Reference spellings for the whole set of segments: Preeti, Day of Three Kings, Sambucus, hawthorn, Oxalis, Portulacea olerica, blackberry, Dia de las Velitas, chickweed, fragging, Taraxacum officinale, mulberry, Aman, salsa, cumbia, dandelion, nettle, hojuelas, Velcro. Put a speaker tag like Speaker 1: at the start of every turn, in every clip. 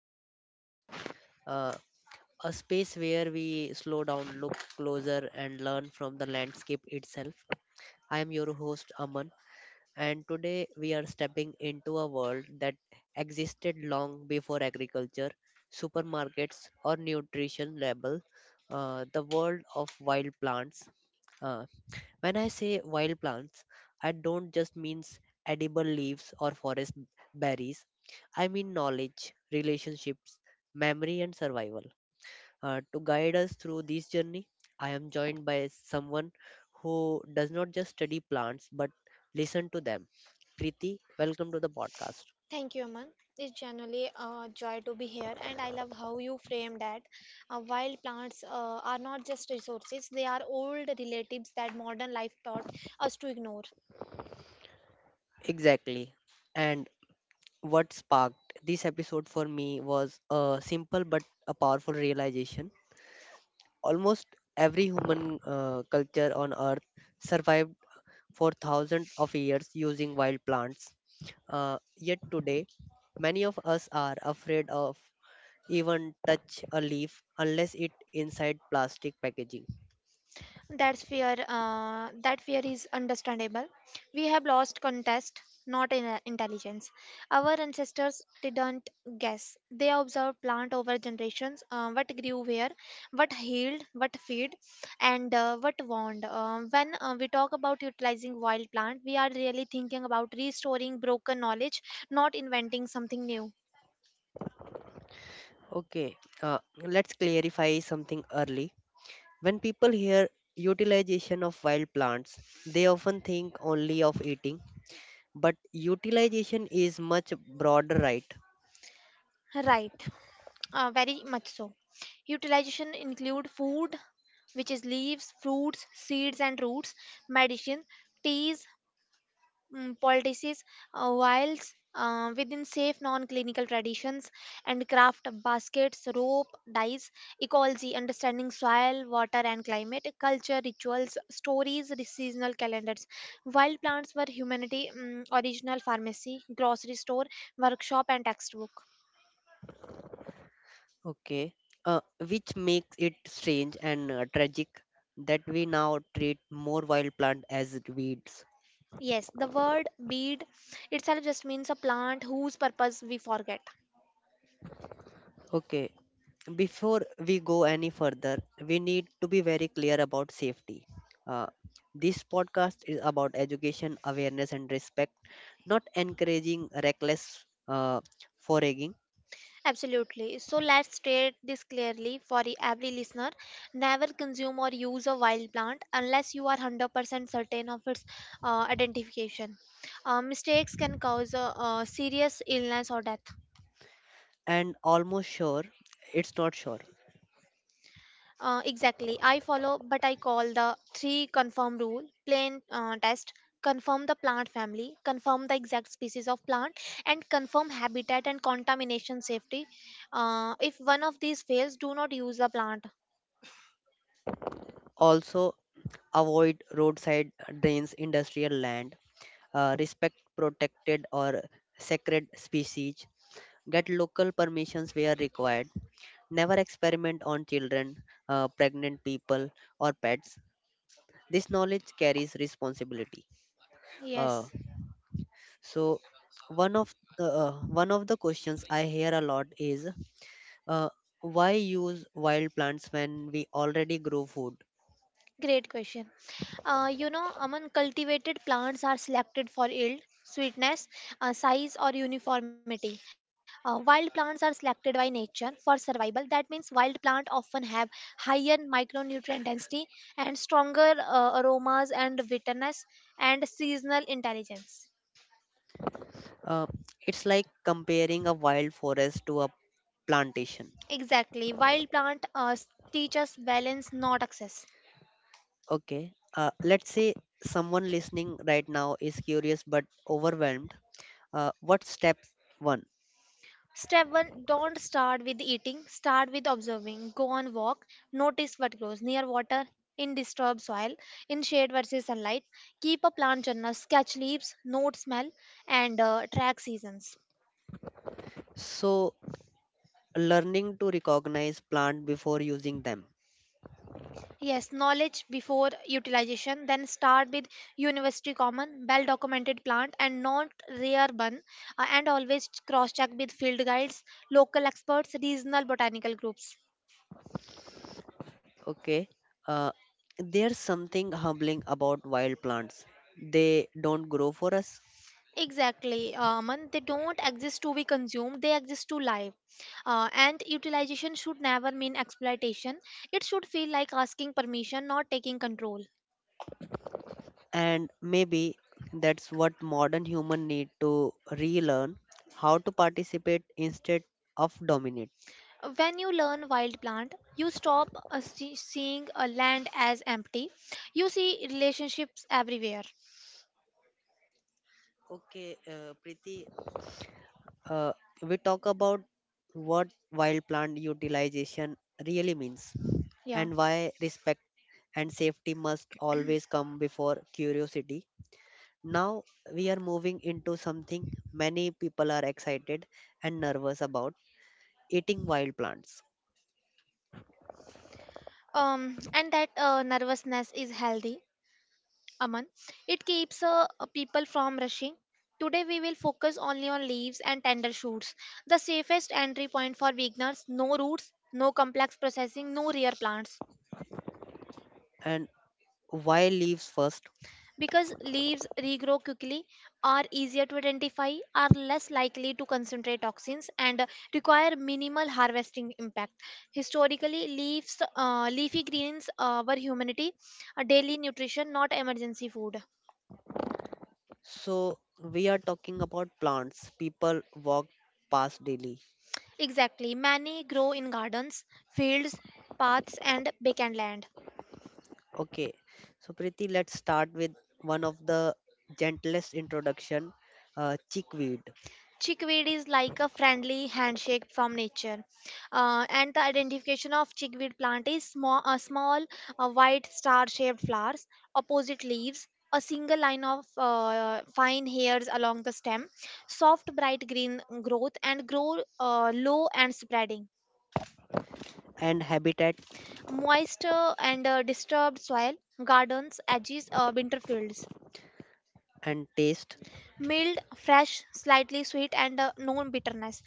Speaker 1: podcast, uh, a space where we slow down, look closer, and learn from the landscape itself. I am your host, Aman, and today we are stepping into a world that existed long before agriculture, supermarkets, or nutrition label. The world of wild plants. uh, when I say wild plants, I don't just mean edible leaves or forest berries. I mean knowledge, relationships, memory, and survival. To guide us through this journey, I am joined by someone who does not just study plants but listen to them. Preeti, welcome to the podcast.
Speaker 2: Thank you, Aman. It's genuinely a joy to be here, and I love how you frame that. Wild plants are not just resources, they are old relatives that modern life taught us to ignore.
Speaker 1: Exactly. And what sparked this episode for me was a simple but a powerful realization. Almost every human culture on Earth survived for thousands of years using wild plants. Yet today, many of us are afraid of even touch a leaf unless it inside plastic packaging.
Speaker 2: That's fear. That fear is understandable. We have lost contest, not in intelligence. Our ancestors didn't guess. They observed plant over generations. What grew where, what healed, what feed, and what warned. When we talk about utilizing wild plant, we are really thinking about restoring broken knowledge, not inventing something new.
Speaker 1: Okay, let's clarify something early. When people hear utilization of wild plants, they often think only of eating, but utilization is much broader, right?
Speaker 2: Right. Very much so. Utilization include food, which is leaves, fruits, seeds and roots, medicine, teas, poultices, vials within safe non-clinical traditions and craft baskets, rope, dyes, ecology, understanding soil, water and climate, culture, rituals, stories, seasonal calendars. Wild plants were humanity original pharmacy, grocery store, workshop and textbook.
Speaker 1: Okay. Uh, which makes it strange and tragic that we now treat more wild plant as weeds.
Speaker 2: Yes, the word bead itself just means a plant whose purpose we forget.
Speaker 1: Okay. Before we go any further, we need to be very clear about safety. Uh, this podcast is about education, awareness, and respect, not encouraging reckless foraging.
Speaker 2: Absolutely. So let's state this clearly for every listener. Never consume or use a wild plant unless you are 100% certain of its identification. Mistakes can cause serious illness or death.
Speaker 1: And almost sure, it's not sure.
Speaker 2: Exactly. I follow, but I call the three confirm rule plain test, confirm the plant family, confirm the exact species of plant, and confirm habitat and contamination safety. If one of these fails, do not use the plant.
Speaker 1: Also, avoid roadside drains, industrial land, respect protected or sacred species, get local permissions where required, never experiment on children, pregnant people, or pets. This knowledge carries responsibility. Uh,
Speaker 2: Yes.
Speaker 1: so, one of the questions I hear a lot is uh, why use wild plants when we already grow food?
Speaker 2: Great question. You know, among cultivated plants are selected for yield, sweetness, size, or uniformity. Wild plants are selected by nature for survival. That means wild plants often have higher micronutrient density and stronger aromas and bitterness and seasonal intelligence.
Speaker 1: Uh, it's like comparing a wild forest to a plantation.
Speaker 2: Exactly, wild plant teach us balance, not excess.
Speaker 1: Okay. Let's say someone listening right now is curious but overwhelmed. What's step one?
Speaker 2: Step one, don't start with eating, start with observing. Go on walk, notice what grows near water, in disturbed soil, in shade versus sunlight. Keep a plant journal, sketch leaves, note smell, and track seasons.
Speaker 1: So, learning to recognize plant before using them.
Speaker 2: Yes, knowledge before utilization, then start with university common, well documented plant and not rare one, and always cross check with field guides, local experts, regional botanical groups.
Speaker 1: Okay. Uh, there's something humbling about wild plants. They don't grow for us,
Speaker 2: Exactly, Aman. They don't exist to be consumed, they exist to live. And utilization should never mean exploitation. It should feel like asking permission, not taking control.
Speaker 1: and maybe that's what modern human need to relearn how to participate instead of dominate.
Speaker 2: When you learn wild plant, you stop seeing a land as empty. You see relationships everywhere.
Speaker 1: Okay, Preeti, uh, we talk about what wild plant utilization really means
Speaker 2: Yeah.
Speaker 1: and why respect and safety must always come before curiosity. Now we are moving into something many people are excited and nervous about eating wild plants
Speaker 2: And that nervousness is healthy. Aman. It keeps people from rushing. Today we will focus only on leaves and tender shoots, the safest entry point for beginners. No roots, no complex processing, no rear plants.
Speaker 1: and why leaves first.
Speaker 2: Because leaves regrow quickly, are easier to identify, are less likely to concentrate toxins, and require minimal harvesting impact. Historically, leaves, leafy greens were humanity, a daily nutrition, not emergency food.
Speaker 1: So we are talking about plants people walk past daily.
Speaker 2: Exactly. Many grow in gardens, fields, paths, and vacant land.
Speaker 1: Okay, so Preeti, let's start with one of the gentlest introduction, chickweed
Speaker 2: Chickweed is like a friendly handshake from nature. And the identification of chickweed plant is small, uh, small white star-shaped flowers, opposite leaves, a single line of fine hairs along the stem, soft bright green growth, and grow low and spreading.
Speaker 1: and habitat
Speaker 2: Moist and disturbed soil, gardens, edges, winter fields.
Speaker 1: and taste.
Speaker 2: Mild, fresh, slightly sweet, and no bitterness.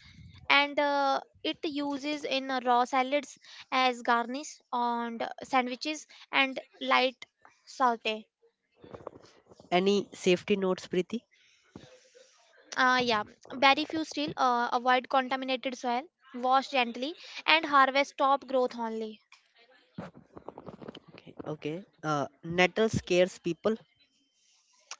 Speaker 2: And uh, it uses in raw salads as garnish on the sandwiches and light saute.
Speaker 1: Any safety notes, Preeti?
Speaker 2: Yeah, very few still avoid contaminated soil, wash gently, and harvest top growth only.
Speaker 1: Okay, okay. Nettle scares people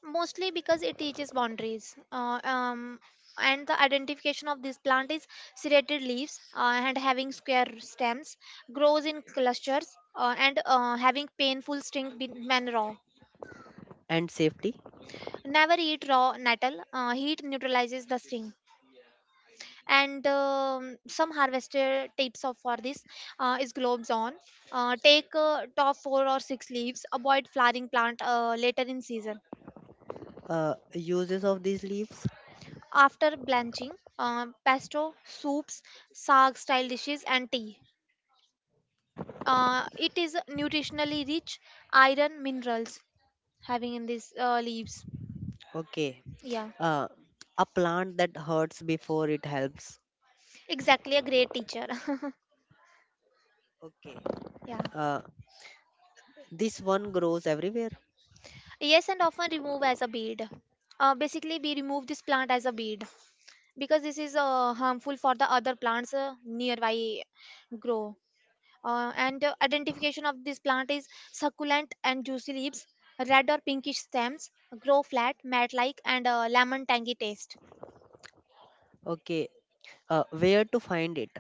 Speaker 2: Mostly because it teaches boundaries and the identification of this plant is serrated leaves and having square stems, grows in clusters and having painful sting when raw.
Speaker 1: and safety.
Speaker 2: Never eat raw nettle. Uh, heat neutralizes the sting, and some harvester tips of for this is globes on, take top four or six leaves, avoid flowering plant later in season.
Speaker 1: Uses of these leaves.
Speaker 2: After blanching, pesto, soups, sag style dishes, and tea. It is nutritionally rich, iron minerals having in these leaves.
Speaker 1: Okay.
Speaker 2: Yeah,
Speaker 1: Uh, a plant that hurts before it helps.
Speaker 2: exactly a great teacher.
Speaker 1: Okay.
Speaker 2: Yeah.
Speaker 1: Uh, this one grows everywhere.
Speaker 2: Yes, and often remove as a bead. Basically, we remove this plant as a bead because this is harmful for the other plants nearby grow. And identification of this plant is succulent and juicy leaves, red or pinkish stems, grow flat, mat-like, and lemon tangy taste.
Speaker 1: Okay. Where to find it?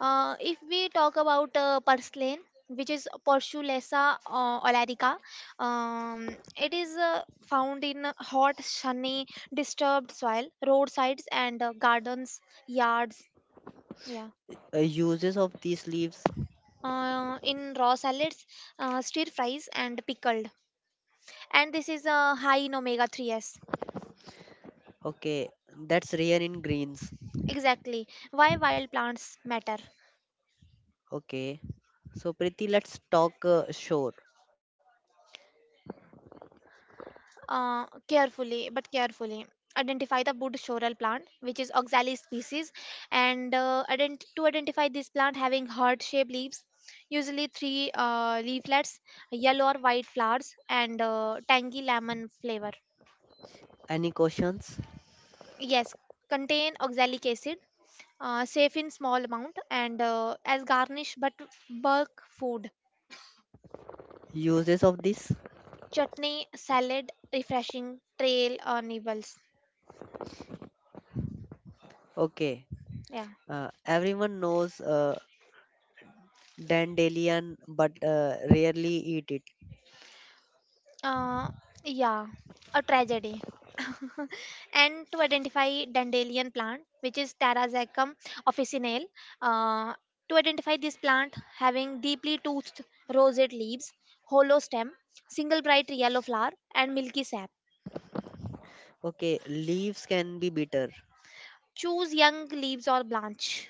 Speaker 2: If we talk about purslane, which is Portulacea olerica, it is found in hot, sunny, disturbed soil, roadsides, and gardens, yards. Yeah.
Speaker 1: Uses of these leaves.
Speaker 2: In raw salads, stir fries, and pickled. And this is high in omega 3s.
Speaker 1: Okay, that's rare in greens.
Speaker 2: Exactly. Why wild plants matter?
Speaker 1: Okay, so Preeti, let's talk shore.
Speaker 2: But carefully. Identify the wood sorrel plant, which is oxalis species, and to identify this plant having heart-shaped leaves, usually three leaflets, yellow or white flowers, and tangy lemon flavor.
Speaker 1: Any questions?
Speaker 2: Yes, contain oxalic acid, safe in small amount, and as garnish but bulk food,
Speaker 1: Uses of this?
Speaker 2: chutney, salad, refreshing trail or nibbles.
Speaker 1: Okay,
Speaker 2: Yeah.
Speaker 1: everyone knows dandelion, but rarely eat it.
Speaker 2: Uh, yeah, a tragedy. And to identify dandelion plant, which is Tarazacum officinale, uh, to identify this plant having deeply toothed rosate leaves, hollow stem, single bright yellow flower, and milky sap.
Speaker 1: Okay, leaves can be bitter,
Speaker 2: Choose young leaves or branch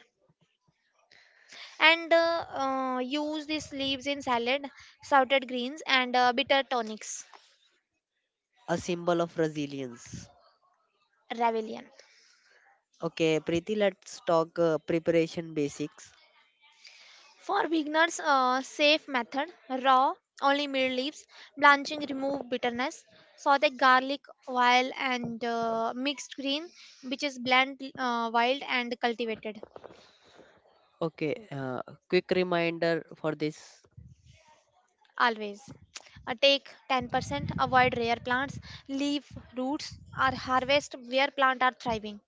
Speaker 2: and use these leaves in salad, salted greens, and bitter tonics.
Speaker 1: a symbol of resilience.
Speaker 2: Ravilian.
Speaker 1: Okay, Preeti, let's talk preparation basics.
Speaker 2: For beginners, a safe method raw, only middle leaves, blanching remove bitterness, saute garlic while and mixed green, which is blend wild and cultivated
Speaker 1: Okay, quick reminder for this.
Speaker 2: always. Take 10%, avoid rare plants, leave roots, or harvest where plant are thriving.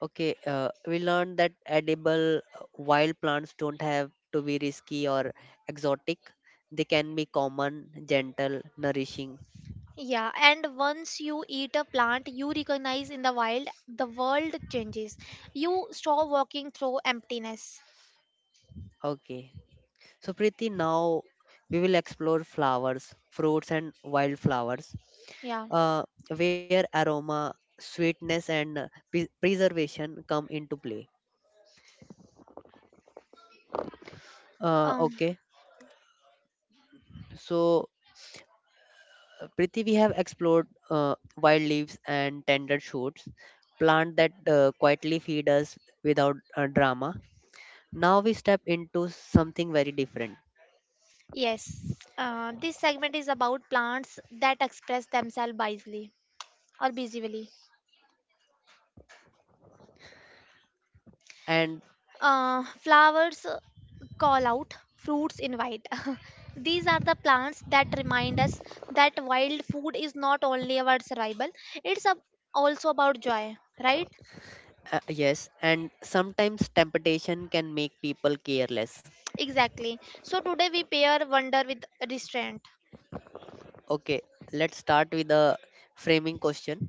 Speaker 1: Okay, we learned that edible wild plants don't have to be risky or exotic. They can be common, gentle, nourishing.
Speaker 2: Yeah, and once you eat a plant you recognize in the wild, the world changes. You stop walking through emptiness.
Speaker 1: Okay. So, Preeti, now we will explore flowers, fruits, and wildflowers,
Speaker 2: Yeah.
Speaker 1: uh, where aroma, sweetness, and preservation come into play.
Speaker 2: Um.
Speaker 1: Okay. So, Priti, we have explored wild leaves and tender shoots, plant that quietly feed us without drama. Now we step into something very different.
Speaker 2: Yes, this segment is about plants that express themselves wisely or visibly.
Speaker 1: And
Speaker 2: Flowers call out, fruits invite. These are the plants that remind us that wild food is not only about survival, it's also about joy, right?
Speaker 1: yes, and sometimes temptation can make people careless.
Speaker 2: Exactly. So today we pair wonder with restraint.
Speaker 1: Okay, let's start with the framing question.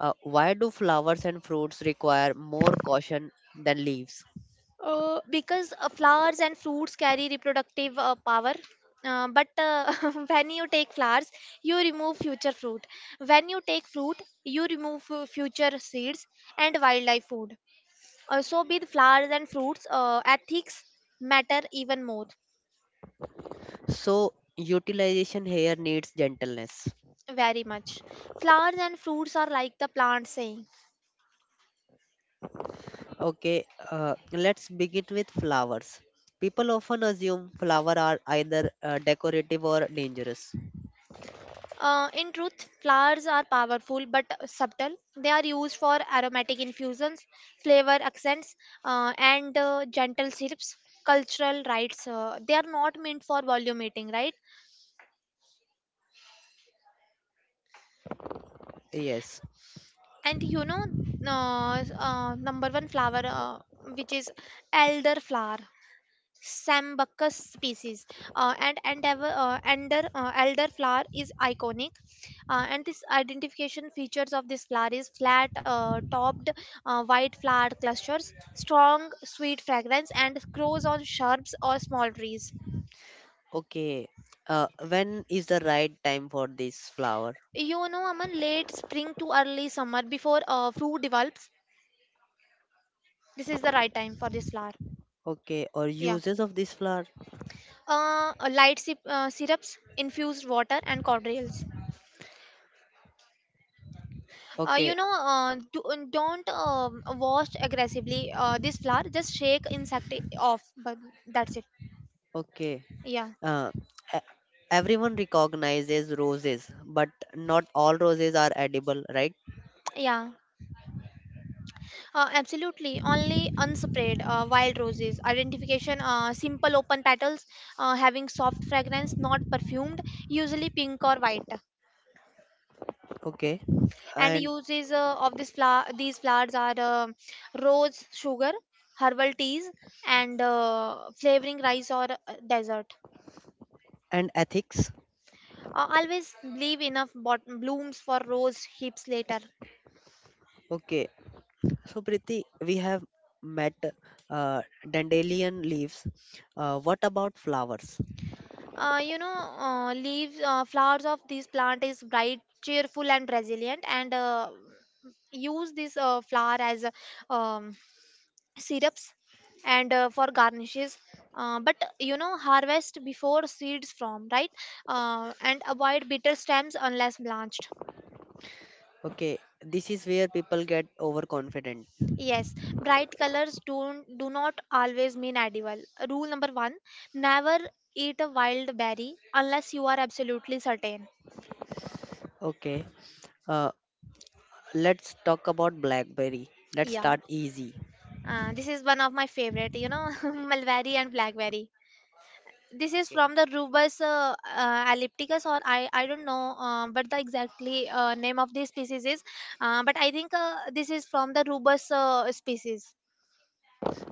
Speaker 1: Why do flowers and fruits require more caution than leaves?
Speaker 2: Because flowers and fruits carry reproductive power. But when you take flowers, you remove future fruit. When you take fruit, you remove future seeds and wildlife food. So, with flowers and fruits, ethics matter even more,
Speaker 1: So, utilization here needs gentleness.
Speaker 2: very much. Flowers and fruits are like the plant saying.
Speaker 1: Okay, let's begin with flowers. People often assume flowers are either decorative or dangerous.
Speaker 2: In truth, flowers are powerful but subtle. They are used for aromatic infusions, flavor accents, and gentle syrups, cultural rites. They are not meant for volume eating, right?
Speaker 1: Yes.
Speaker 2: And you know, number one flower, which is elder flower. Sambucus species. Elderflower is iconic. And this identification features of this flower is flat topped white flower clusters, strong sweet fragrance, and grows on shrubs or small trees.
Speaker 1: Okay. When is the right time for this flower?
Speaker 2: You know, Aman, late spring to early summer before fruit develops. This is the right time for this flower.
Speaker 1: Okay. Or
Speaker 2: Yeah.
Speaker 1: uses of this flower?
Speaker 2: Light sip, syrups, infused water, and cordials.
Speaker 1: Okay.
Speaker 2: Don't wash aggressively this flour, just shake off, but that's it.
Speaker 1: Okay.
Speaker 2: Yeah.
Speaker 1: Uh, e- everyone recognizes roses, but not all roses are edible, right?
Speaker 2: Yeah, absolutely, only unsprayed wild roses, identification simple, open petals having soft fragrance, not perfumed, usually pink or white.
Speaker 1: Okay.
Speaker 2: And
Speaker 1: And
Speaker 2: uses of this flower, these flowers are rose sugar, herbal teas, and flavoring rice or dessert.
Speaker 1: and ethics.
Speaker 2: Always leave enough blooms for rose hips later.
Speaker 1: Okay. So, Priti, we have met uh, dandelion leaves. What about flowers?
Speaker 2: You know, leaves, flowers of this plant is bright, cheerful, and resilient. And use this flower as um, syrups and for garnishes. But you know, harvest before seeds form, right? And avoid bitter stems unless blanched.
Speaker 1: Okay, this is where people get overconfident.
Speaker 2: Yes, bright colors don't do not always mean edible. Rule number one: never eat a wild berry unless you are absolutely certain.
Speaker 1: Okay, uh, let's talk about blackberry. Let's
Speaker 2: Yeah,
Speaker 1: start easy.
Speaker 2: this is one of my favorite. You know, mulberry and blackberry. This is
Speaker 1: Okay,
Speaker 2: from the Rubus ellipticus, or I don't know, but the exactly name of this species is. But I think this is from the Rubus species.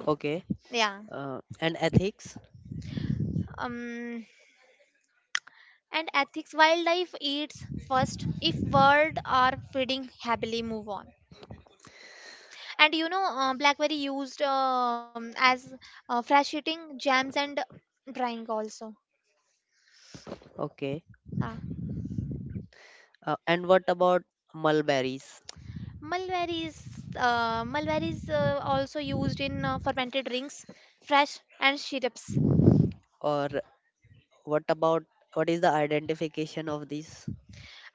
Speaker 1: okay,
Speaker 2: Yeah.
Speaker 1: and ethics.
Speaker 2: Um, and ethics, wildlife eats first, if bird are feeding happily move on. And you know blackberry used as fresh eating, jams, and drying also.
Speaker 1: Okay,
Speaker 2: Ah.
Speaker 1: and what about mulberries?
Speaker 2: Mulberries, mulberries also used in fermented drinks, fresh and syrups.
Speaker 1: Or what about what is the identification of these?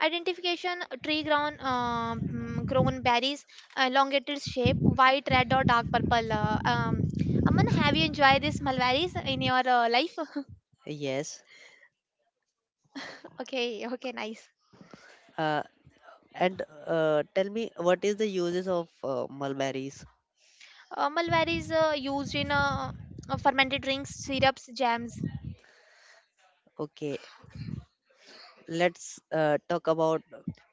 Speaker 2: Identification, tree grown grown berries, elongated shape, white, red, or dark purple, Aman, have you enjoyed this mulberries in your life?
Speaker 1: Yes.
Speaker 2: Okay, okay, nice.
Speaker 1: Uh, And tell me, what is the uses of mulberries?
Speaker 2: Malware is used in fermented drinks, syrups, jams.
Speaker 1: Okay, let's talk about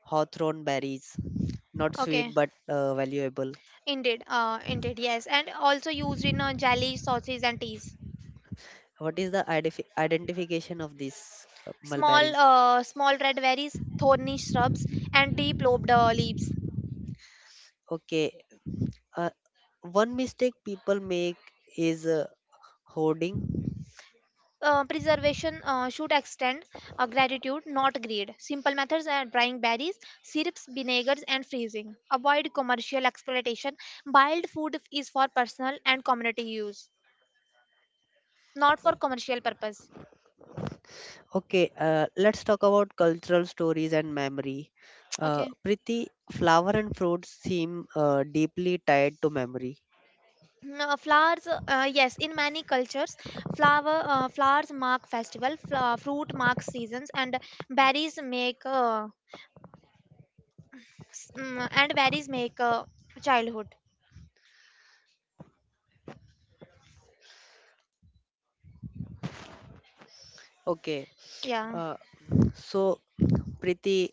Speaker 1: hawthorn berries. Not
Speaker 2: Okay,
Speaker 1: sweet, but valuable.
Speaker 2: indeed, indeed, yes, and also used in jelly, sauces, and teas.
Speaker 1: What is the identification of these
Speaker 2: Small,
Speaker 1: mulberries?
Speaker 2: small red berries, thorny shrubs, and deep lobed leaves.
Speaker 1: Okay, uh, one mistake people make is hoarding.
Speaker 2: Preservation should extend gratitude, not greed. Simple methods are drying berries, syrups, vinegars, and freezing. Avoid commercial exploitation. Wild food is for personal and community use, not for commercial purpose.
Speaker 1: Okay, let's talk about cultural stories and memory.
Speaker 2: Okay.
Speaker 1: Priti, flower and fruits seem deeply tied to memory.
Speaker 2: Flowers, yes, in many cultures flowers mark festival, fruit marks seasons, and berries make s- mm, and berries make uh, childhood.
Speaker 1: Okay,
Speaker 2: Yeah,
Speaker 1: Uh, so, Priti,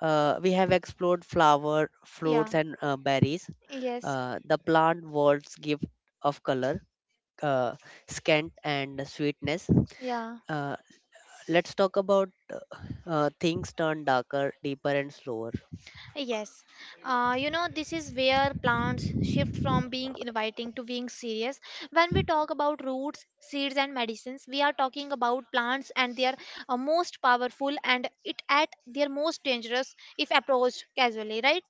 Speaker 1: we have explored flower,
Speaker 2: yeah.
Speaker 1: fruits, and berries.
Speaker 2: Yes,
Speaker 1: The plant world's gift of color, uh, scent, and sweetness.
Speaker 2: yeah.
Speaker 1: Uh, let's talk about things turn darker, deeper, and slower.
Speaker 2: Yes, you know, this is where plants shift from being inviting to being serious. When we talk about roots, seeds, and medicines, we are talking about plants and their most powerful, and it at their most dangerous if approached casually, right?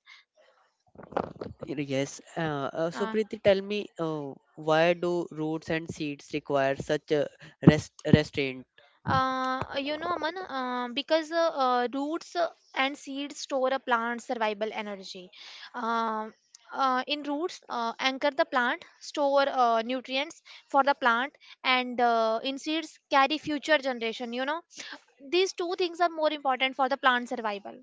Speaker 1: Yes. So,
Speaker 2: Uh,
Speaker 1: Preeti, tell me, why do roots and seeds require such a restraint?
Speaker 2: You know, Aman, because roots and seeds store a plant's survival energy. Um in roots, anchor the plant, store nutrients for the plant, and in seeds, carry future generation. You know, these two things are more important for the plant survival.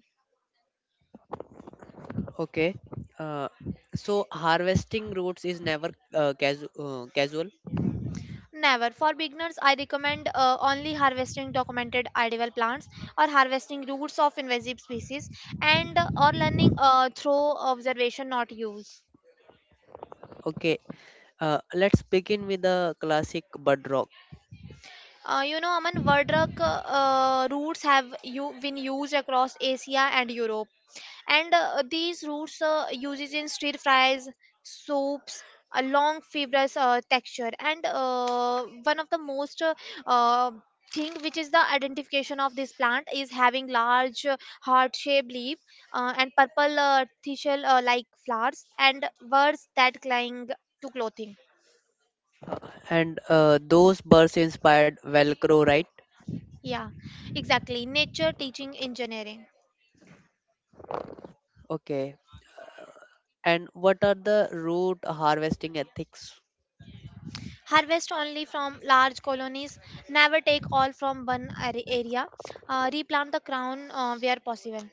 Speaker 1: Okay. Uh, so harvesting roots is never uh, casual.
Speaker 2: Never. For beginners, I recommend only harvesting documented edible plants, or harvesting roots of invasive species, and or learning through observation, not use.
Speaker 1: Okay. Let's begin with the classic bird rock.
Speaker 2: You know, Aman, Vardrak routes have you been used across Asia and Europe, and these roots uses in stir fries, soups, a long fibrous texture, and one of the most uh, thing which is the identification of this plant is having large heart-shaped leaf and purple thistle like flowers and words that cling to clothing.
Speaker 1: Uh, and those birds inspired Velcro, right?
Speaker 2: Yeah, exactly, nature teaching engineering.
Speaker 1: Okay. And what are the root harvesting ethics?
Speaker 2: Harvest only from large colonies. Never take all from area. Replant the crown where possible.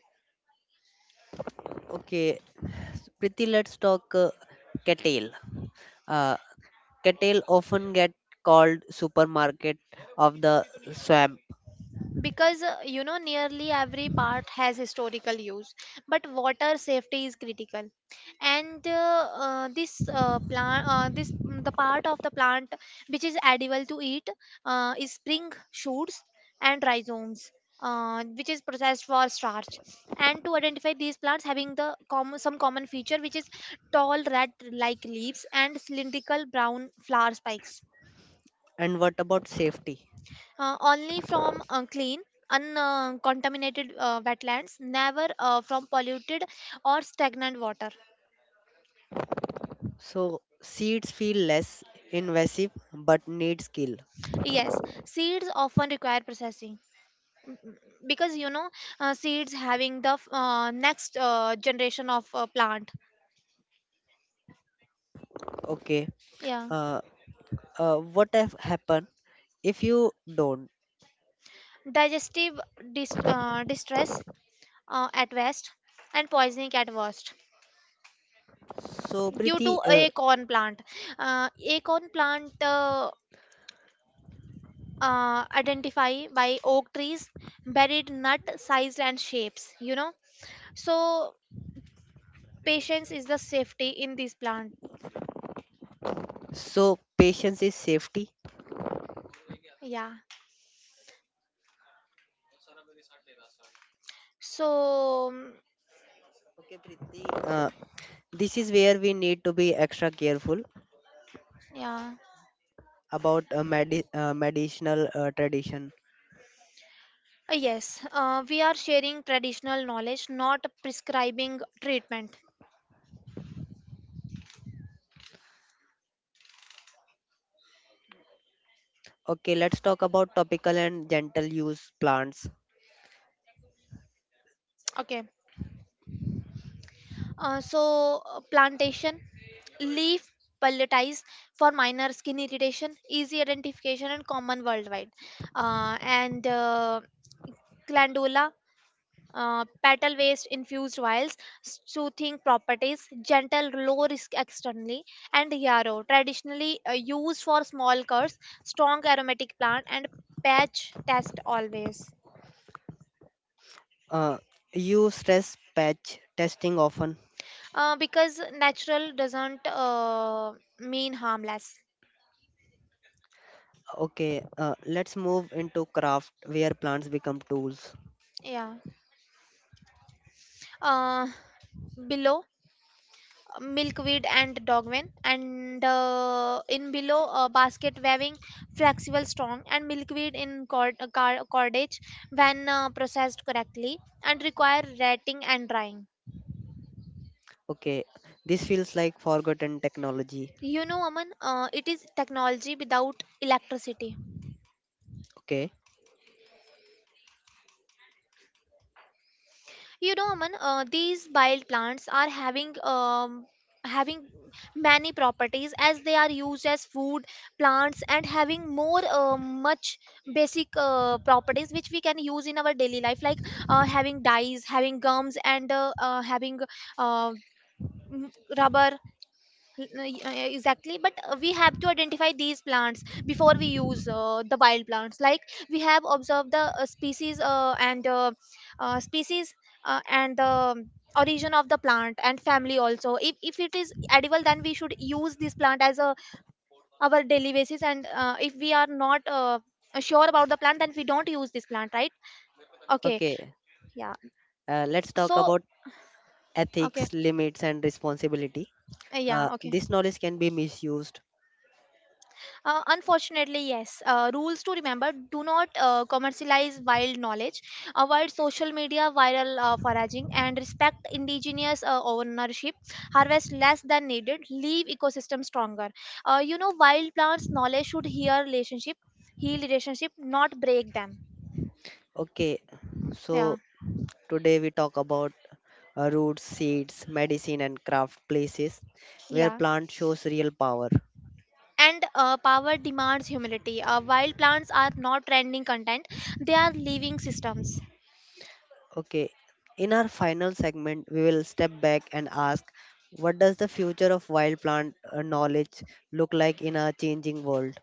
Speaker 1: Okay. Pretty, let's talk cattle. Uh, cattle often get called supermarket of the swamp.
Speaker 2: Because you know, nearly every part has historical use, but water safety is critical. And this plant this mm, the part of the plant which is edible to eat is spring shoots and rhizomes, which is processed for starch. And to identify these plants, having the common some common feature which is tall red like leaves and cylindrical brown flower spikes.
Speaker 1: And what about safety?
Speaker 2: Only from clean uncontaminated wetlands, never from polluted or stagnant water.
Speaker 1: So seeds feel less invasive but need skill.
Speaker 2: Yes, seeds often require processing. Mm, mm, because you know, seeds having the next generation of plant.
Speaker 1: Okay.
Speaker 2: Yeah.
Speaker 1: Uh, what have happened if you don't?
Speaker 2: Digestive distress at west, and poisoning at worst.
Speaker 1: So
Speaker 2: Due
Speaker 1: Priti,
Speaker 2: to acorn plant. uh, acorn plant uh, Identify by oak trees, buried nut size and shapes, you know. So patience is the safety in this plant.
Speaker 1: so patience is safety.
Speaker 2: Yeah. so mm,
Speaker 1: Okay, Priti. This is where we need to be extra careful
Speaker 2: yeah.
Speaker 1: about medicinal tradition.
Speaker 2: Yes, we are sharing traditional knowledge, not prescribing treatment.
Speaker 1: Okay, let's talk about topical and gentle use plants.
Speaker 2: Okay. uh, so Plantation leaf pelletized for minor skin irritation, easy identification and common worldwide. Uh, and Glandula, petal waste infused oils, soothing properties, gentle low risk externally. And yarrow, traditionally used for small curds, strong aromatic plant, and patch test always.
Speaker 1: Uh, you stress patch testing often.
Speaker 2: Because natural doesn't mean harmless.
Speaker 1: Okay, let's move into craft where plants become tools.
Speaker 2: Yeah. Uh, Below milkweed and dogwin, and in below basket weaving, flexible strong, and milkweed in cordage when processed correctly, and require rating and drying.
Speaker 1: Okay, this feels like forgotten technology.
Speaker 2: You know, Aman, it is technology without electricity.
Speaker 1: Okay,
Speaker 2: You know, Aman, these wild plants are having many properties, as they are used as food plants, and having more much basic properties which we can use in our daily life, like having dyes, having gums, and having uh, m- rubber. Yeah, exactly, but we have to identify these plants before we use the wild plants, like we have observed the species and species and the origin of the plant and family also. If it is edible, then we should use this plant as a our daily basis. And if we are not sure about the plant, then we don't use this plant, right? Okay.
Speaker 1: okay,
Speaker 2: Yeah.
Speaker 1: let's talk
Speaker 2: so
Speaker 1: about
Speaker 2: okay.
Speaker 1: ethics, limits, and responsibility.
Speaker 2: Yeah okay.
Speaker 1: This knowledge can be misused.
Speaker 2: Unfortunately, yes. Rules to remember: do not commercialize wild knowledge, avoid social media viral foraging, and respect indigenous ownership. Harvest less than needed, leave ecosystem stronger. You know, wild plants' knowledge should heal relationship, not break them.
Speaker 1: Okay,
Speaker 2: Yeah,
Speaker 1: so today we talk about roots, seeds, medicine, and craft places where
Speaker 2: yeah.
Speaker 1: plant shows real power.
Speaker 2: And power demands humility. Wild plants are not trending content; they are living systems.
Speaker 1: Okay, in our final segment, we will step back and ask what does the future of wild plant knowledge look like in a changing world?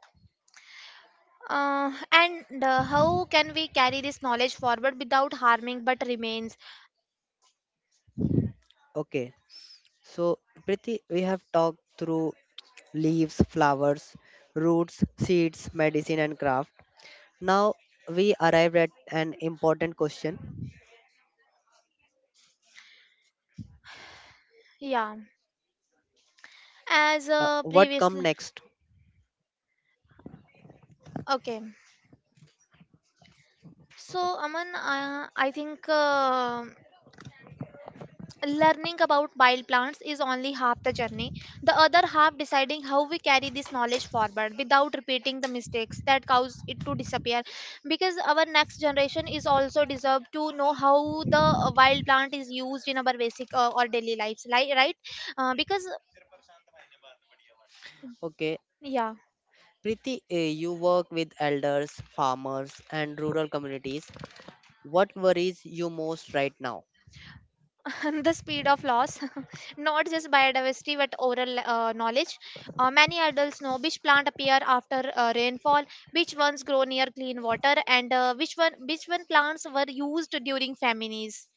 Speaker 2: And How can we carry this knowledge forward without harming but remains?
Speaker 1: Okay, so Priti, we have talked through leaves, flowers, roots, seeds, medicine, and craft. Now we arrived at an important question.
Speaker 2: Yeah, as
Speaker 1: What come
Speaker 2: previously.
Speaker 1: next?
Speaker 2: Okay. So, Aman, I think learning about wild plants is only half the journey. The other half deciding how we carry this knowledge forward without repeating the mistakes that cause it to disappear. Because our next generation is also deserve to know how the wild plant is used in our basic or daily lives, right? Because.
Speaker 1: Okay,
Speaker 2: Yeah,
Speaker 1: Priti, you work with elders, farmers, and rural communities. What worries you most right now?
Speaker 2: the speed of loss, not just biodiversity but oral knowledge. Many adults know which plant appear after rainfall, which ones grow near clean water, and which one plants were used during famines.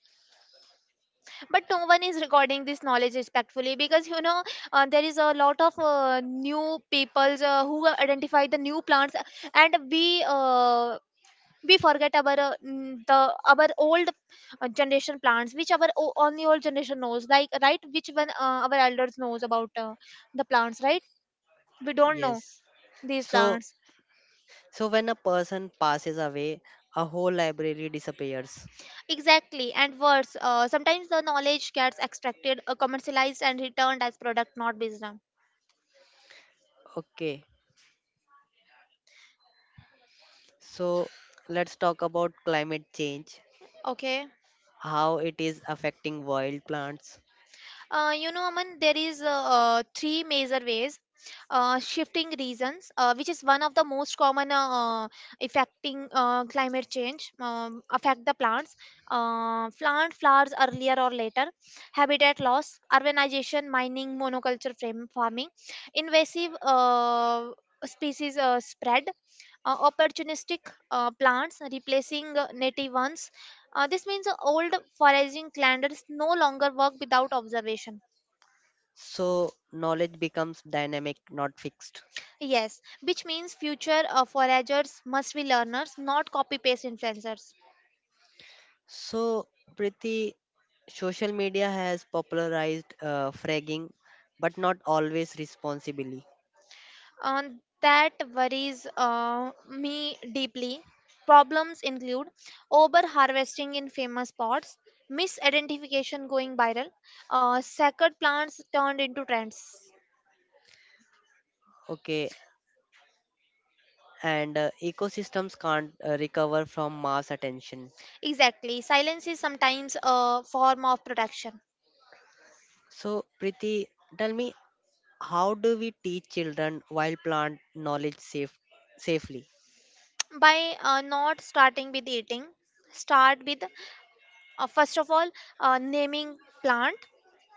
Speaker 2: But no one is recording this knowledge respectfully, because you know, there is a lot of new peoples who identify the new plants, and we forget our mm, the our old generation plants, which our only old generation knows, like, right, which when our elders knows about the plants, right? We don't know
Speaker 1: Yes.
Speaker 2: these
Speaker 1: So,
Speaker 2: plants.
Speaker 1: so when a person passes away, a whole library disappears.
Speaker 2: Exactly, and worse, sometimes the knowledge gets extracted, commercialized, and returned as product, not wisdom.
Speaker 1: Okay. So, let's talk about climate change,
Speaker 2: Okay.
Speaker 1: how it is affecting wild plants.
Speaker 2: You know, Aman, there is three major ways. Shifting reasons, which is one of the most common uh, affecting climate change, affect the plants. Plant flowers earlier or later, habitat loss, urbanization, mining, monoculture frame farming, invasive species spread, opportunistic plants replacing native ones. This means old foraging calendars no longer work without observation.
Speaker 1: So, knowledge becomes dynamic, not fixed.
Speaker 2: Yes, which means future foragers must be learners, not copy paste influencers.
Speaker 1: So, Priti, social media has popularized fragging, but not always responsibly.
Speaker 2: Uh, that worries me deeply. Problems include over harvesting in famous spots, misidentification going viral, sacred plants turned into trends.
Speaker 1: Okay. And ecosystems can't recover from mass attention.
Speaker 2: Exactly, silence is sometimes a form of protection.
Speaker 1: So, Priti, tell me, how do we teach children wild plant knowledge safely?
Speaker 2: By not starting with eating. Start with first of all, naming plant,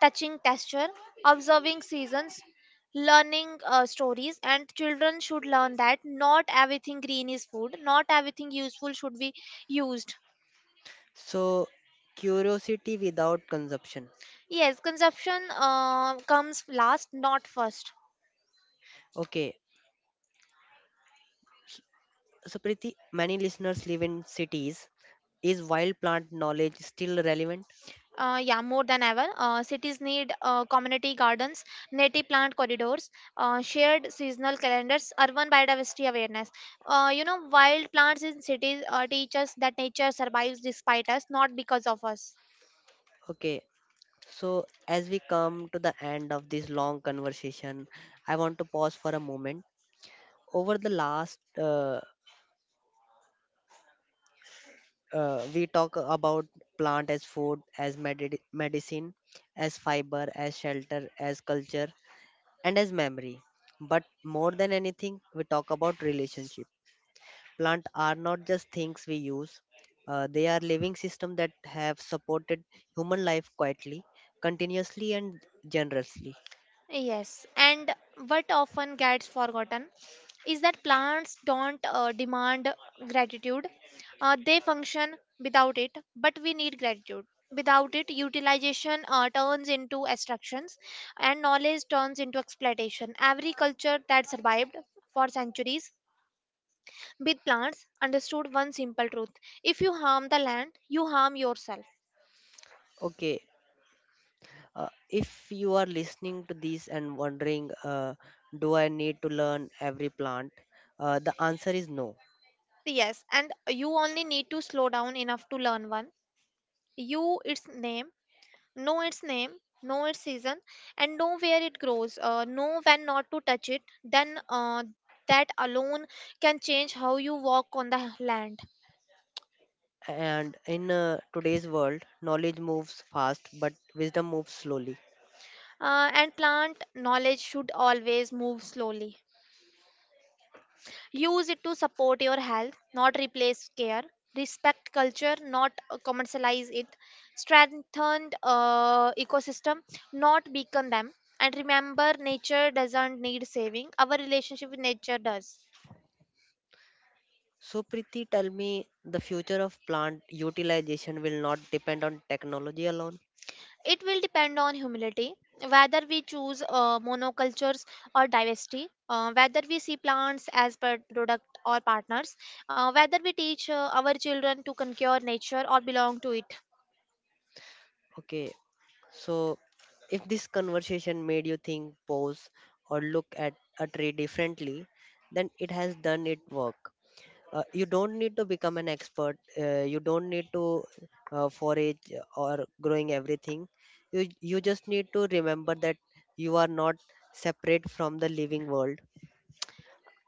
Speaker 2: touching texture, observing seasons, learning stories. And children should learn that not everything green is food, not everything useful should be used.
Speaker 1: So, curiosity without consumption.
Speaker 2: Yes, consumption comes last, not first.
Speaker 1: Okay, so Priti, many listeners live in cities. Is wild plant knowledge still relevant?
Speaker 2: Yeah, more than ever. Cities need community gardens, native plant corridors, shared seasonal calendars, urban biodiversity awareness. You know, wild plants in cities teach us that nature survives despite us, not because of us.
Speaker 1: Okay, so as we come to the end of this long conversation, I want to pause for a moment. Over the last we talk about plant as food, as medicine, as fiber, as shelter, as culture, and as memory, but more than anything we talk about relationship. Plant are not just things we use. They are living system that have supported human life quietly, continuously, and generously.
Speaker 2: Yes, and what often gets forgotten is that plants don't demand gratitude. They function without it, but we need gratitude. Without it, utilization turns into extractions, and knowledge turns into exploitation. Every culture that survived for centuries with plants understood one simple truth: if you harm the land, you harm yourself.
Speaker 1: Okay, if you are listening to this and wondering, do I need to learn every plant, the answer is no.
Speaker 2: Yes, and you only need to slow down enough to learn one. You, its name Know its name, know its season, and know where it grows. Know when not to touch it. Then that alone can change how you walk on the land.
Speaker 1: And in today's world, knowledge moves fast, but wisdom moves slowly.
Speaker 2: And plant knowledge should always move slowly. Use it to support your health, not replace care. Respect culture, not commercialize it. Strengthen ecosystem, not weaken them. And remember, nature doesn't need saving. Our relationship with nature does.
Speaker 1: So, Priti, tell me the future of plant utilization will not depend on technology alone.
Speaker 2: It will depend on humility, whether we choose monocultures or diversity, whether we see plants as per product or partners, whether we teach our children to conquer nature or belong to it.
Speaker 1: Okay, so if this conversation made you think, pause, or look at a tree differently, then it has done its work. You don't need to become an expert. You don't need to forage or growing everything. You just need to remember that you are not separate from the living world.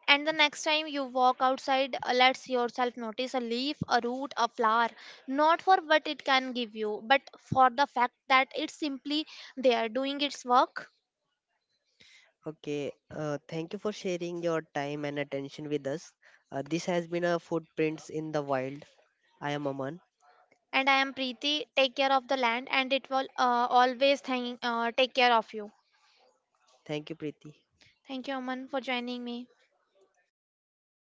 Speaker 2: And the next time you walk outside, let yourself notice a leaf, a root, a flower, not for what it can give you, but for the fact that it's simply there doing its work.
Speaker 1: Okay, thank you for sharing your time and attention with us. This has been a Footprints in the Wild. I am Aman.
Speaker 2: And I am Preeti. Take care of the land, and it will always take care of you.
Speaker 1: Thank you, Preeti.
Speaker 2: Thank you, Aman, for joining me. Thank you so much.